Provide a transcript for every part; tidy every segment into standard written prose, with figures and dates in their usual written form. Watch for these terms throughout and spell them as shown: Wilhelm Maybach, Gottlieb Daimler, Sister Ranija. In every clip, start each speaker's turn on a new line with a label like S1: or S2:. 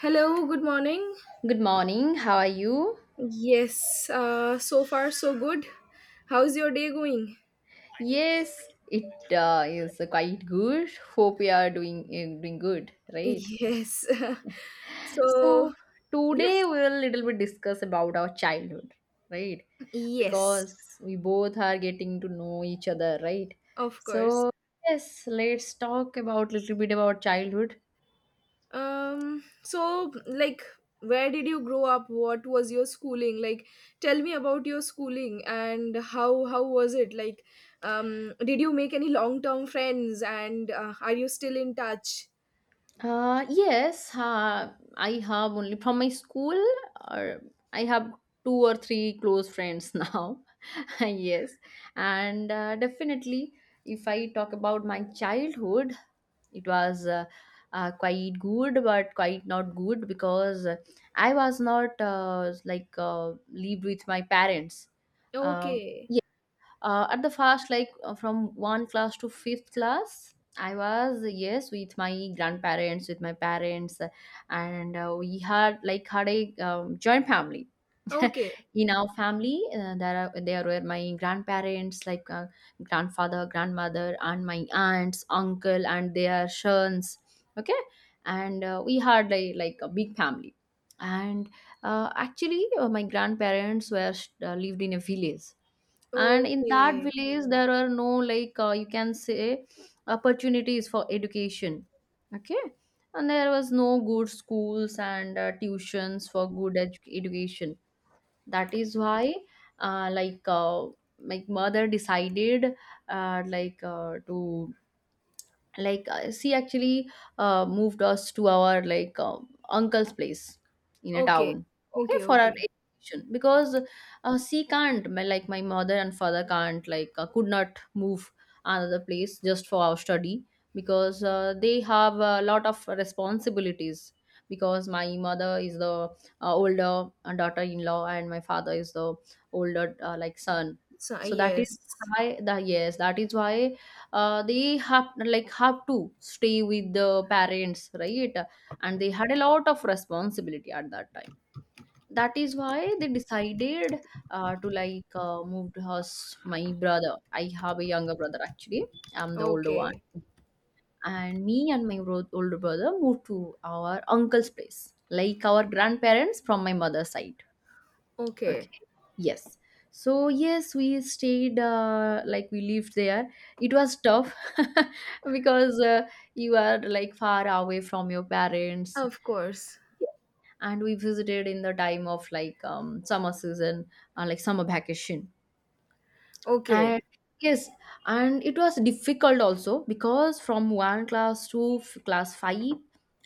S1: Hello, good morning.
S2: Good morning. How are you?
S1: Yes, so far so good. How's your day going?
S2: Yes, it is quite good. Hope you are doing good, right?
S1: Yes. so,
S2: So today
S1: yes.
S2: we'll little bit discuss about our childhood, right?
S1: Yes,
S2: Because we both are getting to know each other, right?
S1: of course.
S2: So yes, let's talk about little bit about childhood.
S1: So like, where did you grow up? What was your schooling? Like tell me about your schooling and how was it? Like did you make any long-term friends, and are you still in touch?
S2: Yes, I have only from my school, or I have two or three close friends now. Yes, and definitely, if I talk about my childhood, it was quite good, but quite not good because I was not like lived with my parents. Um
S1: Okay.
S2: at the first like from one class to fifth class, I was yes with my grandparents, with my parents, and we had like had a joint family.
S1: Okay.
S2: In our family there were my grandparents, like grandfather, grandmother, and my aunts, uncle, and their sons. Okay. And we had like a big family. And actually my grandparents were lived in a village. And in that
S1: Okay.
S2: village there are no, like, you can say, opportunities for education. Okay. And there was no good schools and tuitions for good education. That is why, uh, like uh, my mother decided to, she actually moved us to our, like, uncle's place in a
S1: Okay.
S2: town. Okay,
S1: Okay,
S2: for our
S1: okay.
S2: education, because she can't, my, like my mother and father can't, like, could not move another place just for our study, because they have a lot of responsibilities. Because my mother is the older daughter-in-law, and my father is the older, like, son.
S1: So,
S2: So that is
S1: yes.
S2: why, the yes, that is why they have, like have to stay with the parents, right? And they had a lot of responsibility at that time. That is why they decided to, like, move to house. My brother, I have a younger brother actually. I'm the older one.
S1: Okay.
S2: And me and my older brother moved to our uncle's place, like our grandparents from my mother's side.
S1: Okay.
S2: Okay. Yes. So yes, we stayed like we lived there. It was tough because you are, like, far away from your parents.
S1: Of course.
S2: Yeah. And we visited in the time of, like, summer season, like summer vacation.
S1: Okay.
S2: And yes, and it was difficult also because from one class to class five,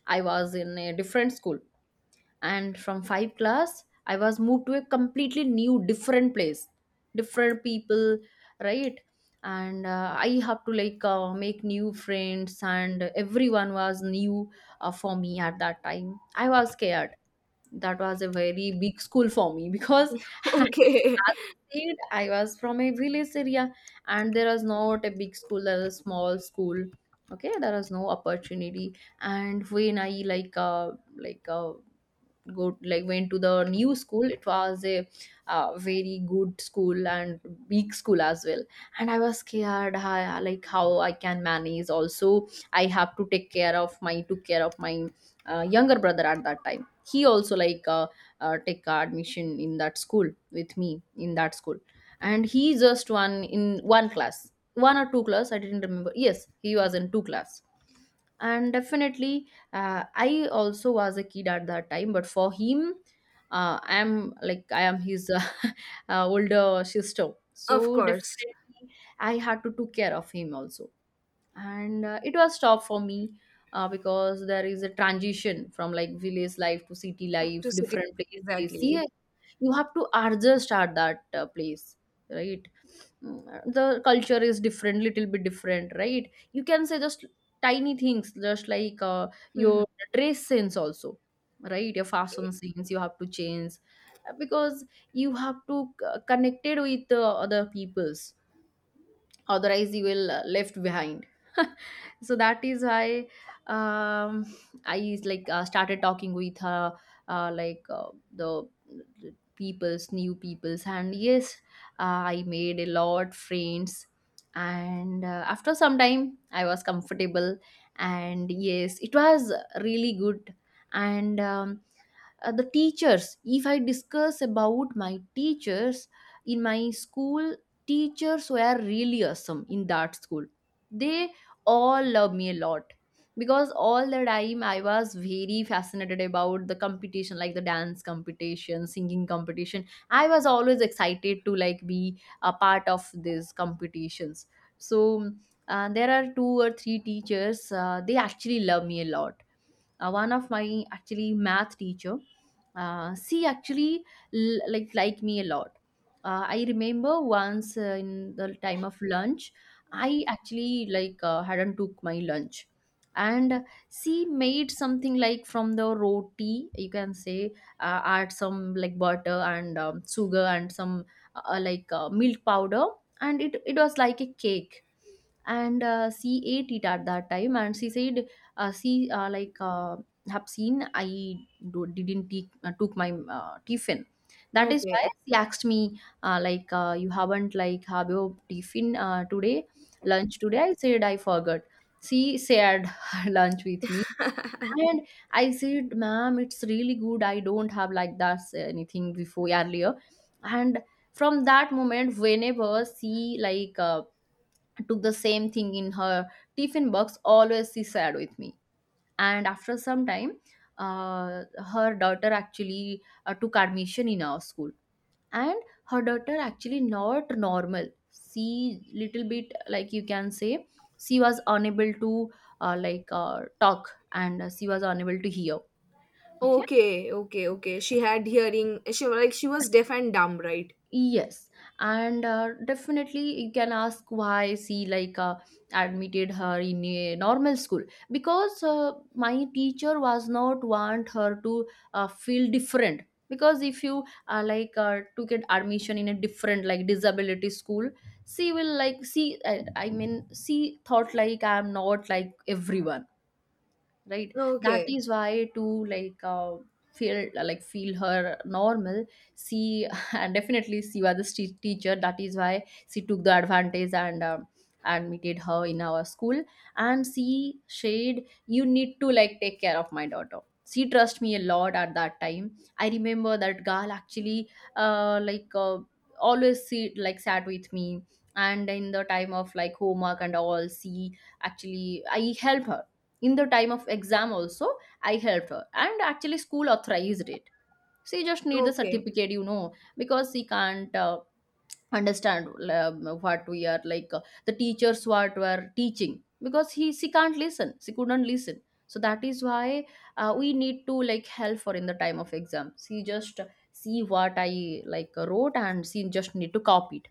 S2: I was in a different school. And from 5 class I was moved to a completely new different place, different people, right? And I have to, like, make new friends and everyone was new for me. At that time I was scared. That was a very big school for me because as
S1: Okay.
S2: I said, I was from a village area, and there was not a big school, there was a small school. Okay, there was no opportunity. And when I, like, go, like, went to the new school, it was a very good school and big school as well. And I was scared how, like how I can manage also. I have to take care of my, took care of my younger brother at that time. He also, like, take admission in that school with me, in that school. And he just one in one class, one or two class I didn't remember. Yes, he was in two class. And definitely, I also was a kid at that time, but for him, I am, like I am his, older sister,
S1: Of
S2: so
S1: course.
S2: definitely I had to take care of him also. And it was tough for me because there is a transition from, like, village life to city life,
S1: To city,
S2: different places, yeah.
S1: exactly.
S2: You have to adjust at that place, right? Mm, the culture is different, little bit different, right? You can say, just tiny things, just like
S1: Mhm.
S2: your dress sense also, right? Your fashion
S1: Okay.
S2: sense you have to change because you have to connected with other peoples, otherwise you will left behind. So that is why, um, I, like, started talking with, uh, like uh, the the peoples, new peoples, and yes, I made a lot friends. And after some time I was comfortable. And yes, it was really good. And the teachers, if I discuss about my teachers in my school, teachers were really awesome in that school. They all loved me a lot because all the time I was very fascinated about the competition, like the dance competition, singing competition. I was always excited to, like, be a part of these competitions. So there are two or three teachers. They actually love me a lot. One of my actually math teacher, she actually like me a lot. I remember once in the time of lunch, I actually, like, hadn't took my lunch. And she made something like from the roti, you can say, add some, like, butter and sugar and some, milk powder. And it was like a cake. And she ate it at that time, and she said, she, have seen I didn't take, took my tiffin. That is why
S1: Okay.
S2: she asked me, you haven't, like, have your tiffin today, lunch today. I said I forgot. She shared lunch with me. And I said, "Ma'am, it's really good, I don't have like that anything before earlier." And from that moment, whenever she, like, took the same thing in her tiffin box, always she shared with me. And after some time, uh, her daughter actually took admission in our school. And her daughter actually not normal. She, little bit, like, you can say, she was unable to talk, and she was unable to hear.
S1: Okay. Okay.
S2: Okay.
S1: She had hearing. She was, like, she was deaf and dumb, right?
S2: Yes. And definitely you can ask why she, like, admitted her in a normal school. Because my teacher was not want her to feel different. Because if you, to get admission in a different, like, disability school, she will, like, see, I mean, she thought like, I'm not like everyone, right? That
S1: Okay.
S2: is why, to, like, feel, like feel her normal, she and definitely she was the teacher. That is why she took the advantage, and admitted her in our school. And she said, you need to, like, take care of my daughter. She trust me a lot at that time. I remember that girl actually, uh, like uh, always sit, like, sat with me. And in the time of, like, homework and all, she actually I help her. In the time of exam also, I helped her, and actually school authorized it. She just need the
S1: Okay.
S2: certificate, because she can't understand what we are, like, the teachers what were teaching, because he she can't listen, she couldn't listen. So that is why we need to, like, help her. In the time of exam, she just see what I, like, wrote, and she just need to copy it.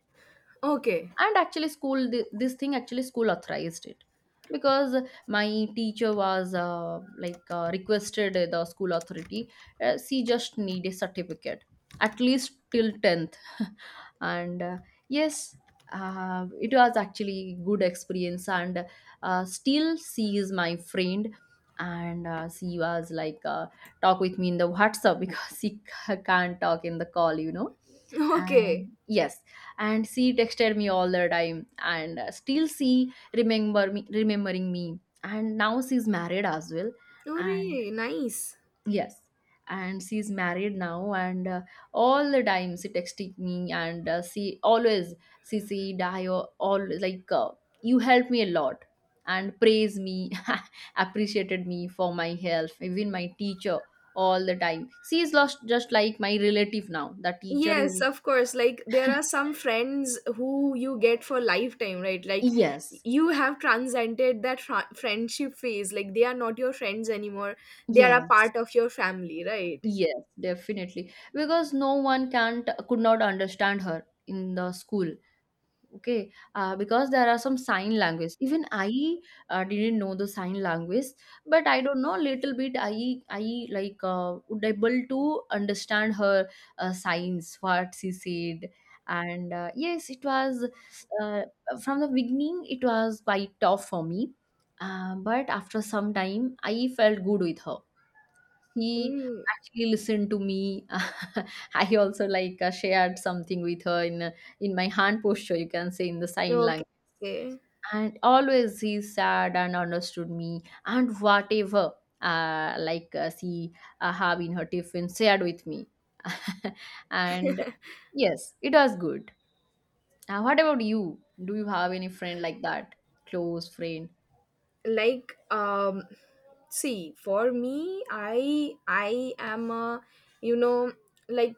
S1: Okay.
S2: And actually school this thing, actually school authorized it. Because my teacher was, requested the school authority. She just need a certificate at least till 10th. And yes, it was actually good experience. And still she is my friend. And she was, like, talk with me in the WhatsApp, because she can't talk in the call.
S1: Okay.
S2: And yes, and she texted me all the time. And still she remembering me, and now she's married as well. And
S1: Hooray, nice.
S2: yes, and she's married now. And all the time she texting me, and she always, she said I always, like, you helped me a lot, and praise me appreciated me for my help. Even my teacher all the time, she is lost, just like my relative now, the teacher is.
S1: Yes, of course. Like, there are some friends who you get for lifetime, right? Like,
S2: Yes.
S1: you have transcended that friendship phase. Like, they are not your friends anymore. They are a
S2: Yes,
S1: part of your family, right?
S2: yes, definitely. Because no one can't could not understand her in the school. Okay, because there are some sign language. Even I didn't know the sign language, but I don't know little bit. I, like, would able to understand her signs what she said. And yes, it was, uh, from the beginning, it was quite tough for me, but after some time I felt good with her. He
S1: Mm,
S2: actually listened to me. I also, like, shared something with her, in my hand posture, you can say, in the sign
S1: okay.
S2: language.
S1: Okay.
S2: And always he said and understood me and whatever she have in her tiffin shared with me. And yes, it was good. What about you? Do you have any friend like that? Close friend?
S1: Like see, for me, I am a you know like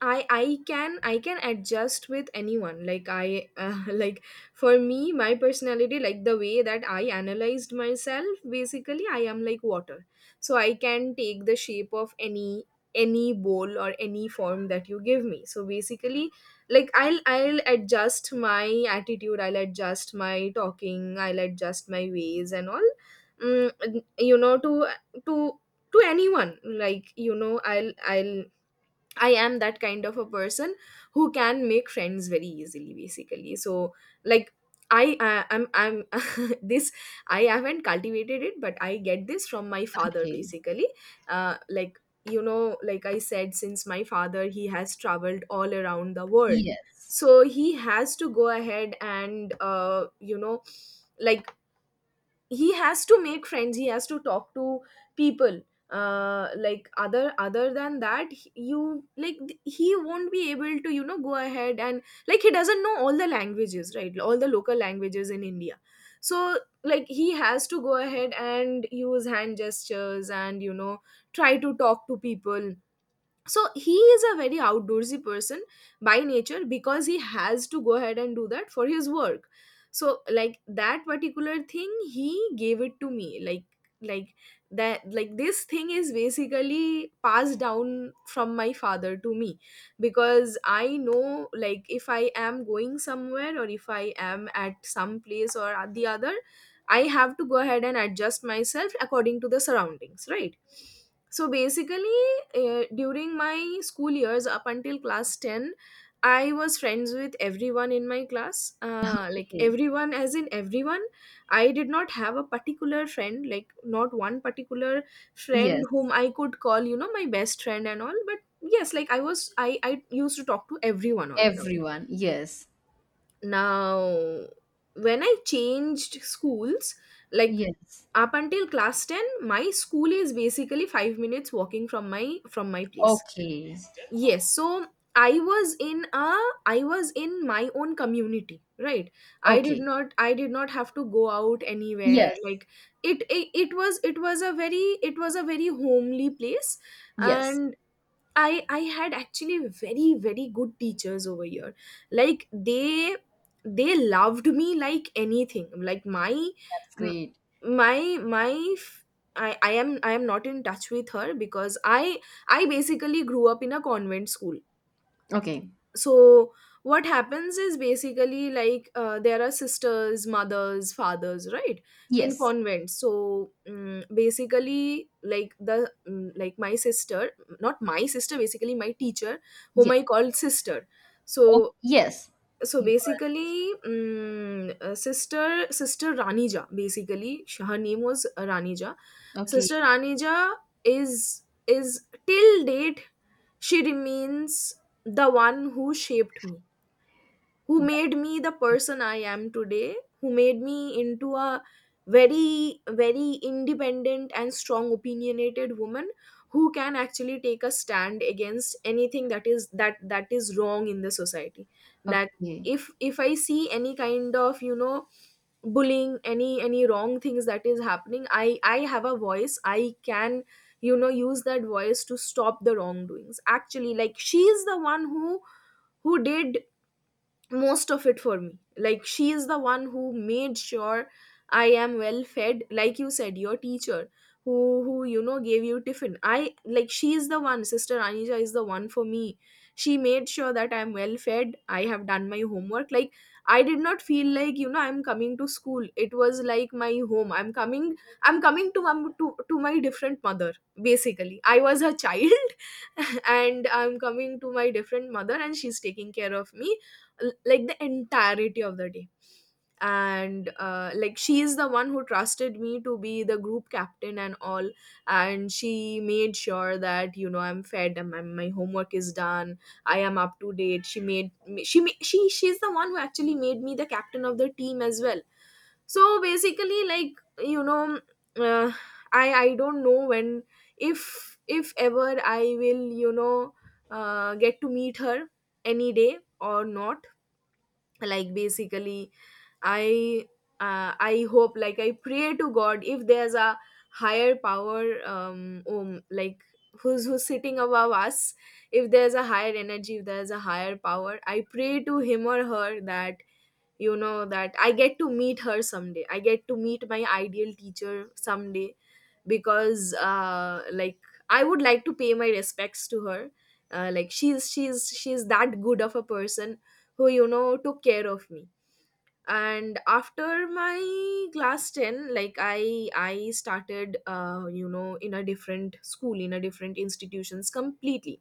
S1: I can adjust with anyone. Like I like for me, my personality, like the way that I analyzed myself, basically I am like water. So I can take the shape of any bowl or any form that you give me. So basically, like, I'll adjust my attitude. I'll adjust my talking. I'll adjust my ways and all. Mm, you know to to to anyone, like, I am that kind of a person who can make friends very easily, basically. So, like, I'm this. I haven't cultivated it, but I get this from my father,
S2: Okay.
S1: basically. Like, you know, like I said, since my father, he has traveled all around the world,
S2: Yes.
S1: so he has to go ahead and, like, he has to make friends, he has to talk to people. Like, other than that, you, like, he won't be able to, you know, go ahead, and like, he doesn't know all the languages, right, all the local languages in India. So like, he has to go ahead and use hand gestures and, you know, try to talk to people. So he is a very outdoorsy person by nature, because he has to go ahead and do that for his work. So like that particular thing, he gave it to me, like that like this thing is basically passed down from my father to me, because I know, like, if I am going somewhere or if I am at some place or at the other, I have to go ahead and adjust myself according to the surroundings, right? So basically, during my school years, up until class 10, I was friends with everyone in my class, like,
S2: Okay.
S1: everyone as in everyone. I did not have a particular friend, like not one particular friend
S2: Yes.
S1: whom I could call, you know, my best friend and all. But yes, like, I was I used to talk to everyone all around.
S2: Everyone. Yes.
S1: Now when I changed schools, like,
S2: Yes.
S1: up until class 10, my school is basically 5 minutes walking from my place.
S2: Okay.
S1: Yes, so I was in a I was in my own community, right? I did
S2: Okay.
S1: not have to go out anywhere.
S2: Yes.
S1: Like it was a very it was a very homely place.
S2: Yes.
S1: And I had actually very, very good teachers over here. Like, they loved me like anything. Like my
S2: That's
S1: m-
S2: great.
S1: my f- I am I am not in touch with her, because I basically grew up in a convent school.
S2: Okay.
S1: So what happens is basically, like, there are sisters, mothers, fathers, right, in
S2: Yes.
S1: convents. So basically, like the like my sister, not my sister, basically my teacher whom
S2: Yes.
S1: I called sister. So,
S2: Oh, yes.
S1: so
S2: You call it system.
S1: basically, sister Ranija, basically, her name was Ranija.
S2: Okay.
S1: Sister Ranija is, is till date, she remains the one who shaped me, who
S2: That
S1: made me the
S2: way.
S1: person I am today, who made me into a very, very independent and strong opinionated woman, who can actually take a stand against anything that is, that is wrong in the society. That
S2: Okay.
S1: if I see any kind of, you know, bullying, any wrong things that is happening, I have a voice, I can, you know, use that voice to stop the wrongdoings. Actually, like, she is the one who did most of it for me. Like, she is the one who made sure I am well fed. Like, you said your teacher who you know, gave you tiffin. I, like, she is the one. Sister Anija is the one for me. She made sure that, I am well fed, I have done my homework. Like, I did not feel like, you know, I'm coming to school. It was like my home. I'm coming, to my to my different mother. Basically, I was her child. And I'm coming to my different mother and she's taking care of me, like, the entirety of the day. And like, she is the one who trusted me to be the group captain and all. And she made sure that, you know, I'm fed and my homework is done, I am up to date. She made me- she ma- she she's the one who actually made me the captain of the team as well. So basically, like, you know, uh, I don't know when, if ever I will, you know, get to meet her any day or not. Like basically, i I hope, like, I pray to God, if there's a higher power, like who's sitting above us, if there's a higher energy, if there's a higher power, I pray to him or her that, you know, that I get to meet her someday, I get to meet my ideal teacher someday. Because like, I would like to pay my respects to her. Like, she's that good of a person who, you know, took care of me. And after my class ten, like, I started, you know, in a different school, in a different institutions completely.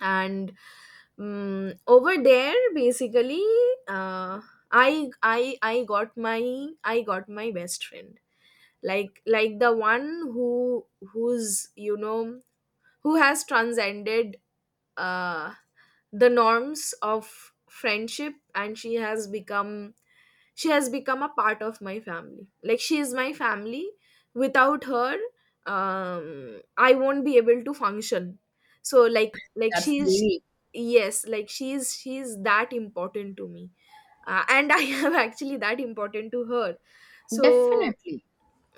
S1: And over there, basically, uh, I got my best friend, like the one who who's you know, who has transcended uh the norms of friendship, and she has become, a part of my family. Like, she is my family. Without her, I won't be able to function. So like,
S2: That's
S1: she is,
S2: great.
S1: yes, like, she is, that important to me. And I am actually that important to her. So,
S2: Definitely.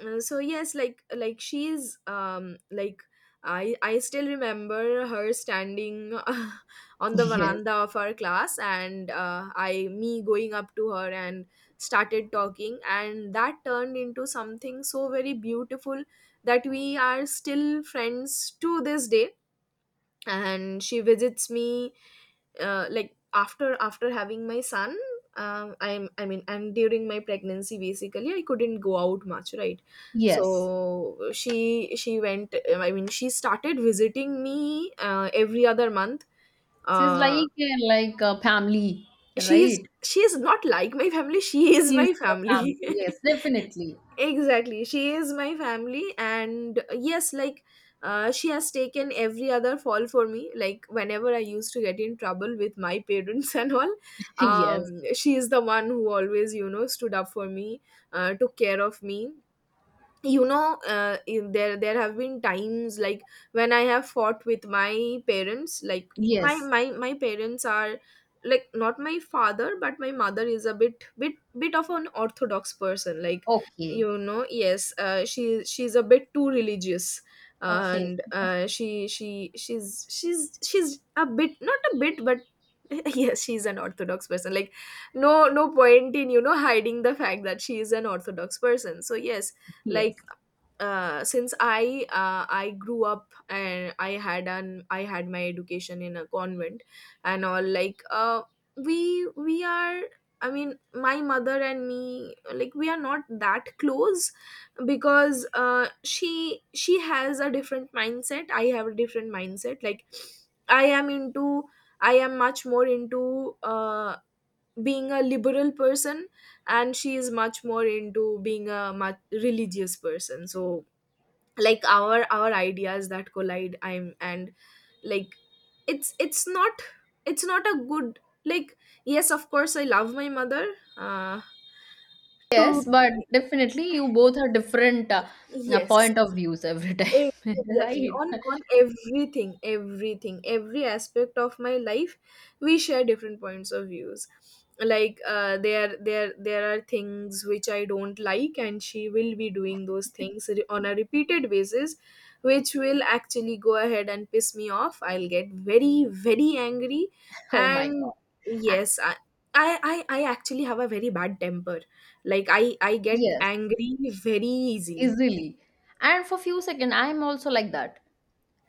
S1: so yes, like, she's, like, I still remember her standing on the
S2: Yes.
S1: veranda of our class, and, I me going up to her and started talking, and that turned into something so very beautiful, that we are still friends to this day. And she visits me, like, after, having my son, I'm I mean and during my pregnancy, basically, I couldn't go out much, right?
S2: Yes.
S1: So she went, I mean, she started visiting me, every other month.
S2: She's
S1: uh,
S2: like a family,
S1: she's,
S2: right?
S1: she is not like my family, she is
S2: She's
S1: my
S2: your family.
S1: family.
S2: Yes. Definitely.
S1: Exactly, she is my family. And yes, like, she has taken every other fall for me, like, whenever I used to get in trouble with my parents and all.
S2: Yes.
S1: She is the one who always, you know, stood up for me, took care of me, you know. There, have been times, like, when I have fought with my parents. Like, my
S2: Yes.
S1: parents are, like, not my father, but my mother is a bit of an orthodox person. Like,
S2: Okay.
S1: you know, yes, she, she's a bit too religious.
S2: Okay.
S1: And she she's a bit, not a bit, but yes, she's an orthodox person. Like, no, no point in, you know, hiding the fact that she is an orthodox person. So yes, like,
S2: Yes.
S1: since I, I grew up and I had an I had my education in a convent and all, like, we are, I mean, my mother and me, like, we are not that close, because she has a different mindset, I have a different mindset. Like, I am into, I am much more into, being a liberal person, and she is much more into being a much religious person. So like, our ideas that collide, I'm and like, it's not, a good, like, yes, of course, I love my mother, uh
S2: Yes,
S1: to
S2: but definitely you both are different
S1: yes.
S2: point of views every time,
S1: Ex- Exactly.
S2: right?
S1: On everything, everything, every aspect of my life, we share different points of views. Like, there are things which I don't like, and she will be doing those things on a repeated basis, which will actually go ahead and piss me off. I'll get very, very angry,
S2: Oh my
S1: and
S2: God. Ac-
S1: yes, I I actually have a very bad temper. Like, I get
S2: Yes,
S1: angry very easily.
S2: easily. And for few second, I'm also like that.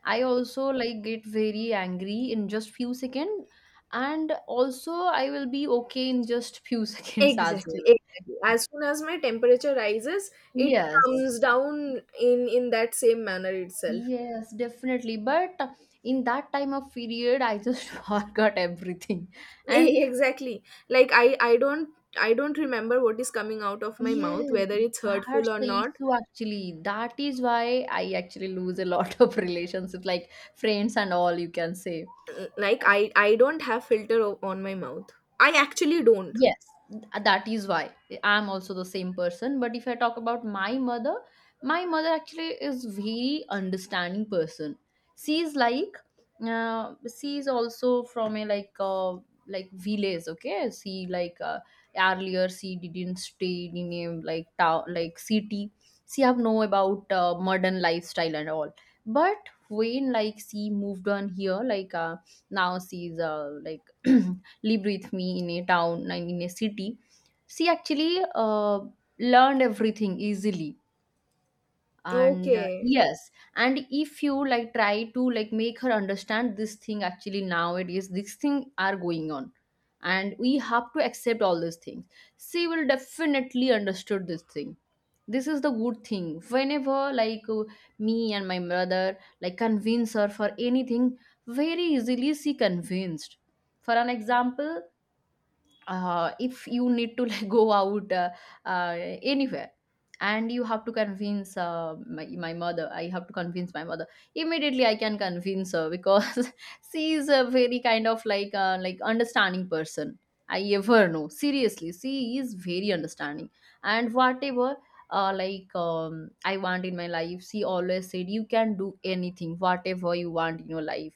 S2: I also like get very angry in just few second, and also I will be okay in just few seconds as
S1: Exactly,
S2: well.
S1: exactly. As soon as my temperature rises, it
S2: Yes,
S1: comes down in, that same manner itself.
S2: yes, definitely. But in that time of period, I just forgot everything. And
S1: Exactly. Like, I don't, I don't remember what is coming out of my
S2: yeah,
S1: mouth, whether it's hurtful
S2: that's
S1: or
S2: the
S1: not.
S2: issue actually. That is why I actually lose a lot of relationships, like friends and all, you can say.
S1: Like, I don't have filter, on my mouth. I actually don't.
S2: Yes, th- that is why I'm also the same person. But if I talk about my mother actually is very understanding person. She is like, she is also from a like village. Okay, she like earlier she didn't stay in a like town like city. She have know about modern lifestyle and all. But when like she moved on here, now she's like lived with me in a town and in a city she actually learned everything easily and
S1: Okay.
S2: yes. And if you like try to like make her understand this thing actually nowadays these things are going on, and we have to accept all these things. She will definitely understood this thing. This is the good thing whenever me and my mother like convince her for anything, very easily she convinced. For an example, if you need to like go out uh, anywhere, and you have to convince my mother, I have to convince my mother, immediately I can convince her because she is a very kind of like understanding person. I ever know seriously she is very understanding. And whatever I want in my life she always said you can do anything whatever you want in your life.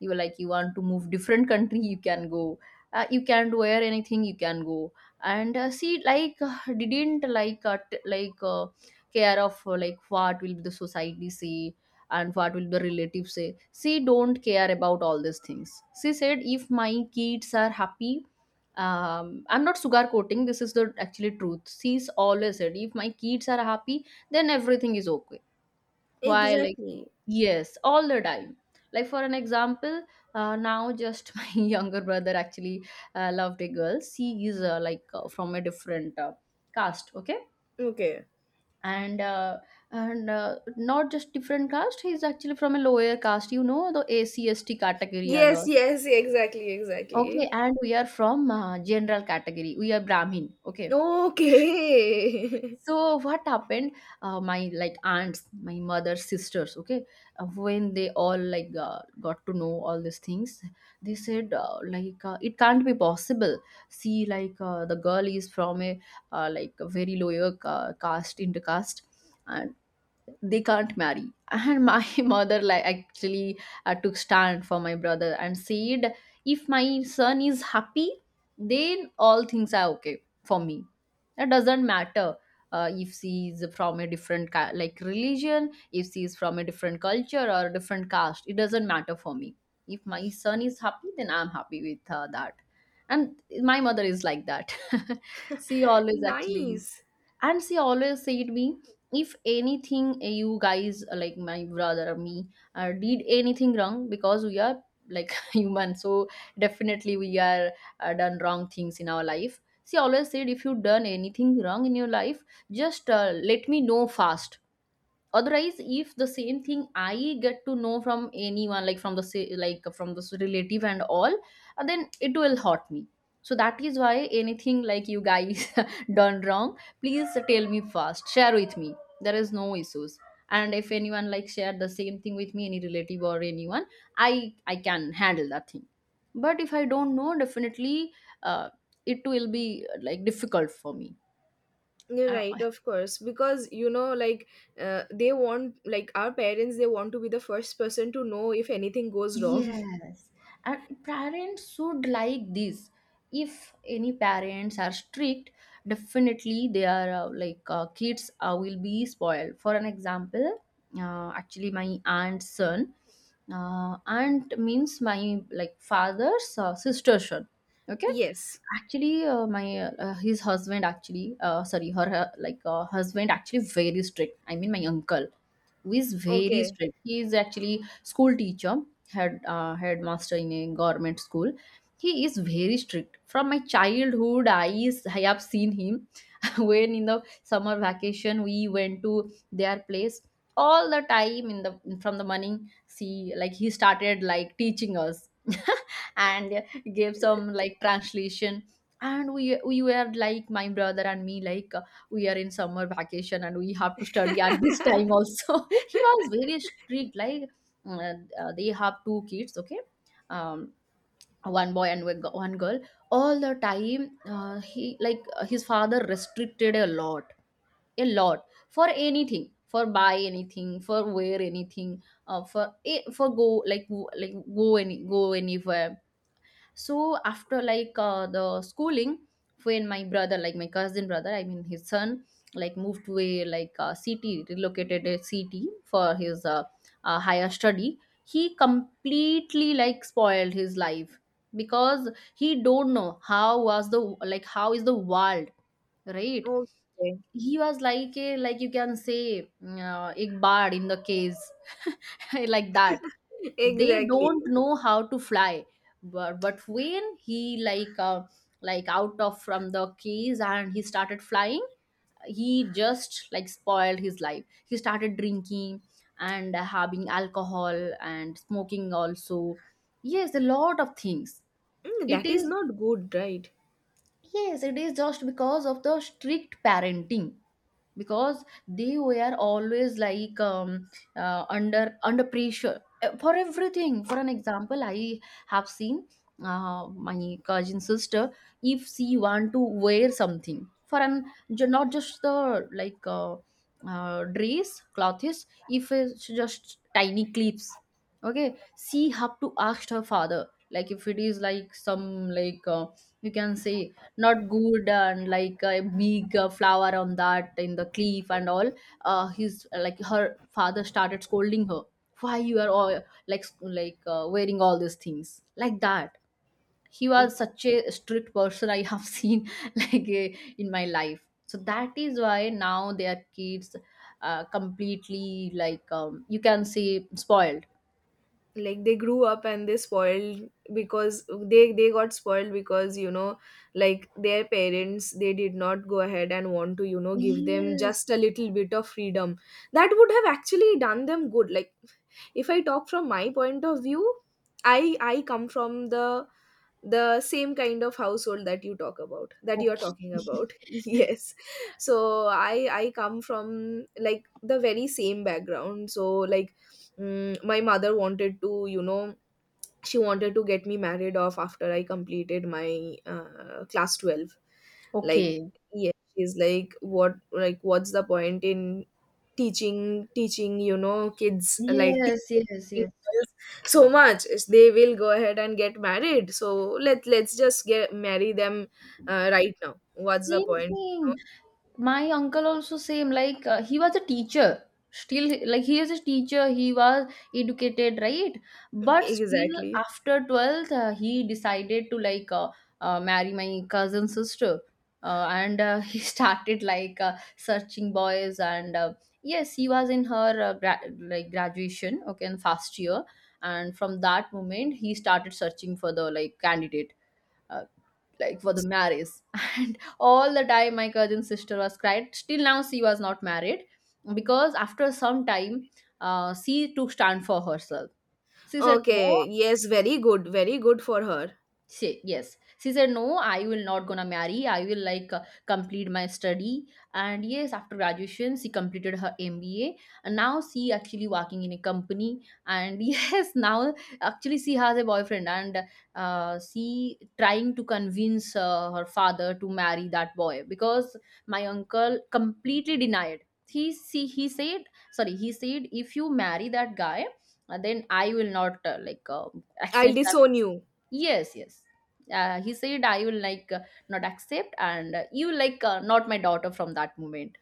S2: You were like you want to move different country, you can go, you can wear anything, you can go. And she like didn't like care of like what will the society say and what will the relatives say. She don't care about all these things. She said if my kids are happy, I'm not sugarcoating, this is the actually truth. She's always said if my kids are happy then everything is okay. Why like?
S1: Exactly.
S2: Yes, all the time. Like for an example, now just my younger brother actually loved a girl. She is from a different caste, okay,
S1: Okay.
S2: and uh, and not just different caste. He's actually from a lower caste. You know the ACST category and
S1: Yes,
S2: all.
S1: yes, exactly,
S2: Okay,
S1: exactly.
S2: and we are from general category. We are Brahmin. Okay,
S1: Okay.
S2: so what happened? My like aunts, my mother's sisters, okay, when they all like got to know all these things, they said it can't be possible. See, the girl is from a like a very lower ca- caste, intercaste, uh, they can't marry. And my mother like actually took stand for my brother and said, if my son is happy then all things are okay for me. That doesn't matter if she is from a different ca- like religion, if she is from a different culture or a different caste, it doesn't matter for me. If my son is happy then I'm happy with that. And my mother is like that. She always actually,
S1: Nice.
S2: and she always said me, if anything you guys like my brother or me did anything wrong, because we are like human, so definitely we are done wrong things in our life. She always said if you done anything wrong in your life, just let me know fast. Otherwise if the same thing I get to know from anyone, like from the sa- like from this relative and all, then it will hurt me. So that is why anything like you guys done wrong, please tell me first, share with me, there is no issues. And if anyone like share the same thing with me, any relative or anyone, I can handle that thing. But if I don't know, definitely uh, it will be like difficult for me.
S1: You're
S2: Uh,
S1: right, of course, because you know, like, they want, like, our parents, they want to be the first person to know if anything goes wrong.
S2: Yes, and parents should like this. If any parents are strict, definitely they are kids will be spoiled. For an example, actually, my aunt's son, aunt means my like father's sister's son. Okay,
S1: yes.
S2: actually, my his husband actually, sorry, her husband actually very strict. I mean, my uncle who is very
S1: Okay.
S2: strict. He is actually school teacher, headmaster in a government school. He is very strict. From my childhood eyes I have seen him. When in the summer vacation we went to their place, all the time in the from the morning, see like he started like teaching us and gave some like translation. And we were like my brother and me, we are in summer vacation and we have to study at this time also. He was very strict. Uh, they have two kids, okay, um, one boy and one gi- one girl. All the time he like his father restricted a lot, a lot, for anything, for buy anything, for wear anything, for go, like w- like go any go anywhere. So after the schooling, when my brother, like my cousin brother, I mean his son, like moved to a like a city, relocated a city for his higher study, he completely like spoiled his life. Because he don't know how was the like how is the world, right?
S1: Okay.
S2: He was like a, like you can say a bird in the cage, like that. They
S1: Exactly.
S2: don't know how to fly. But when he like out of from the case and he started flying, he just like spoiled his life. He started drinking and having alcohol and smoking also. Yes, a lot of things.
S1: Mm,
S2: It
S1: that is
S2: is,
S1: not good, right?
S2: yes, it is just because of the strict parenting. Because they were always like under, under pressure for everything. For an example, I have seen my cousin sister, if she want to wear something, for an, ju- not just the dress, clothes, if it's just tiny clips, okay, she have to ask her father. Like if it is like some you can say not good and like a big flower on that in the cliff and all, his like her father started scolding her, why you are all like s- like wearing all these things like that. He
S1: Mm.
S2: was such a strict person I have seen like uh, in my life. So that is why now their kids completely like you can say spoiled.
S1: Like, they grew up and they spoiled, because they got spoiled, because, you know, like, their parents, they did not go ahead and want to, you know, give them
S2: Yes.
S1: just a little bit of freedom. That would have actually done them good. Like, if I talk from my point of view, I come from the same kind of household that you are
S2: Okay.
S1: talking about. Yes, so I come from, like, the very same background. So like, my mother wanted to, you know, she wanted to get me married off after I completed my, class 12. Like,
S2: Okay.
S1: yeah, she's like, what, like what's the point in teaching teaching you know, kids, like
S2: Yes, yes,
S1: teaching
S2: yes,
S1: girls so much? They will go ahead and get married, so let, let's just get marry them, right now. What's the
S2: same
S1: point?
S2: thing. My uncle also same, like he was a teacher, still like he is a teacher, he was educated, right? But still
S1: Exactly.
S2: after 12th, he decided to marry my cousin sister. And he started searching boys. And yes, he was in her like graduation, okay, in first year, and from that moment he started searching for the like candidate uh, like for the marriage. And all the time my cousin sister was cried, still now she was not married. Because after some time she took stand for herself. She said no.
S1: Okay. Yes, very good, very good for her.
S2: She, yes, she said no, I will not gonna marry, I will complete my study. And yes, after graduation she completed her mba. And now she actually working in a company, and yes, now actually she has a boyfriend. And she trying to convince her father to marry that boy, because my uncle completely denied. He see, he said, sorry he said, if you marry that guy then I will not
S1: I'll
S2: accept that.
S1: disown you.
S2: Yes, yes. He said, I will not accept, and you like not my daughter from that moment,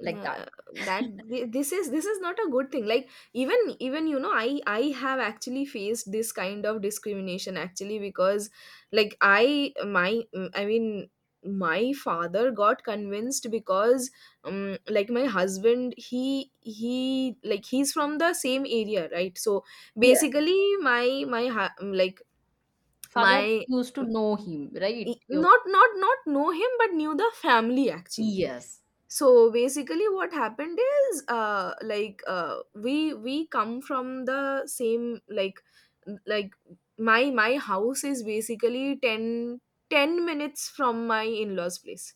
S2: like that.
S1: Uh, that this is, not a good thing. Like, even, you know, I have actually faced this kind of discrimination, actually, because, like, I my I mean my father got convinced because, like, my husband, he like, he's from the same area, right? So
S2: Yeah.
S1: basically, my like,
S2: Father
S1: my,
S2: used to know him, right? Your
S1: not know him, but knew the family, actually.
S2: yes.
S1: So basically, what happened is, like, we come from the same, like, like my house is basically 10 minutes from my in-laws place.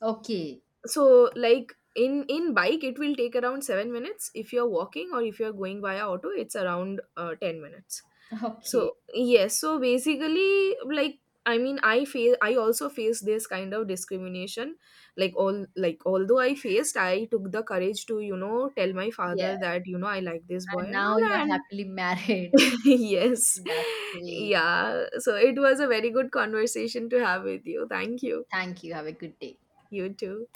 S2: Okay.
S1: So like, in, bike, it will take around 7 minutes, if you're walking, or if you're going via auto, it's around, 10 minutes.
S2: Okay.
S1: So yes, so basically, like, I mean, I face I also face this kind of discrimination. Like, all, like, although I faced I took the courage to, you know, tell my
S2: Yeah.
S1: father that, you know, I like this boy
S2: And
S1: and
S2: now
S1: all.
S2: you are
S1: And
S2: happily married.
S1: yes,
S2: That's great.
S1: yeah, so it was a very good conversation to have with you. Thank you.
S2: Thank you. Have a good day.
S1: You too.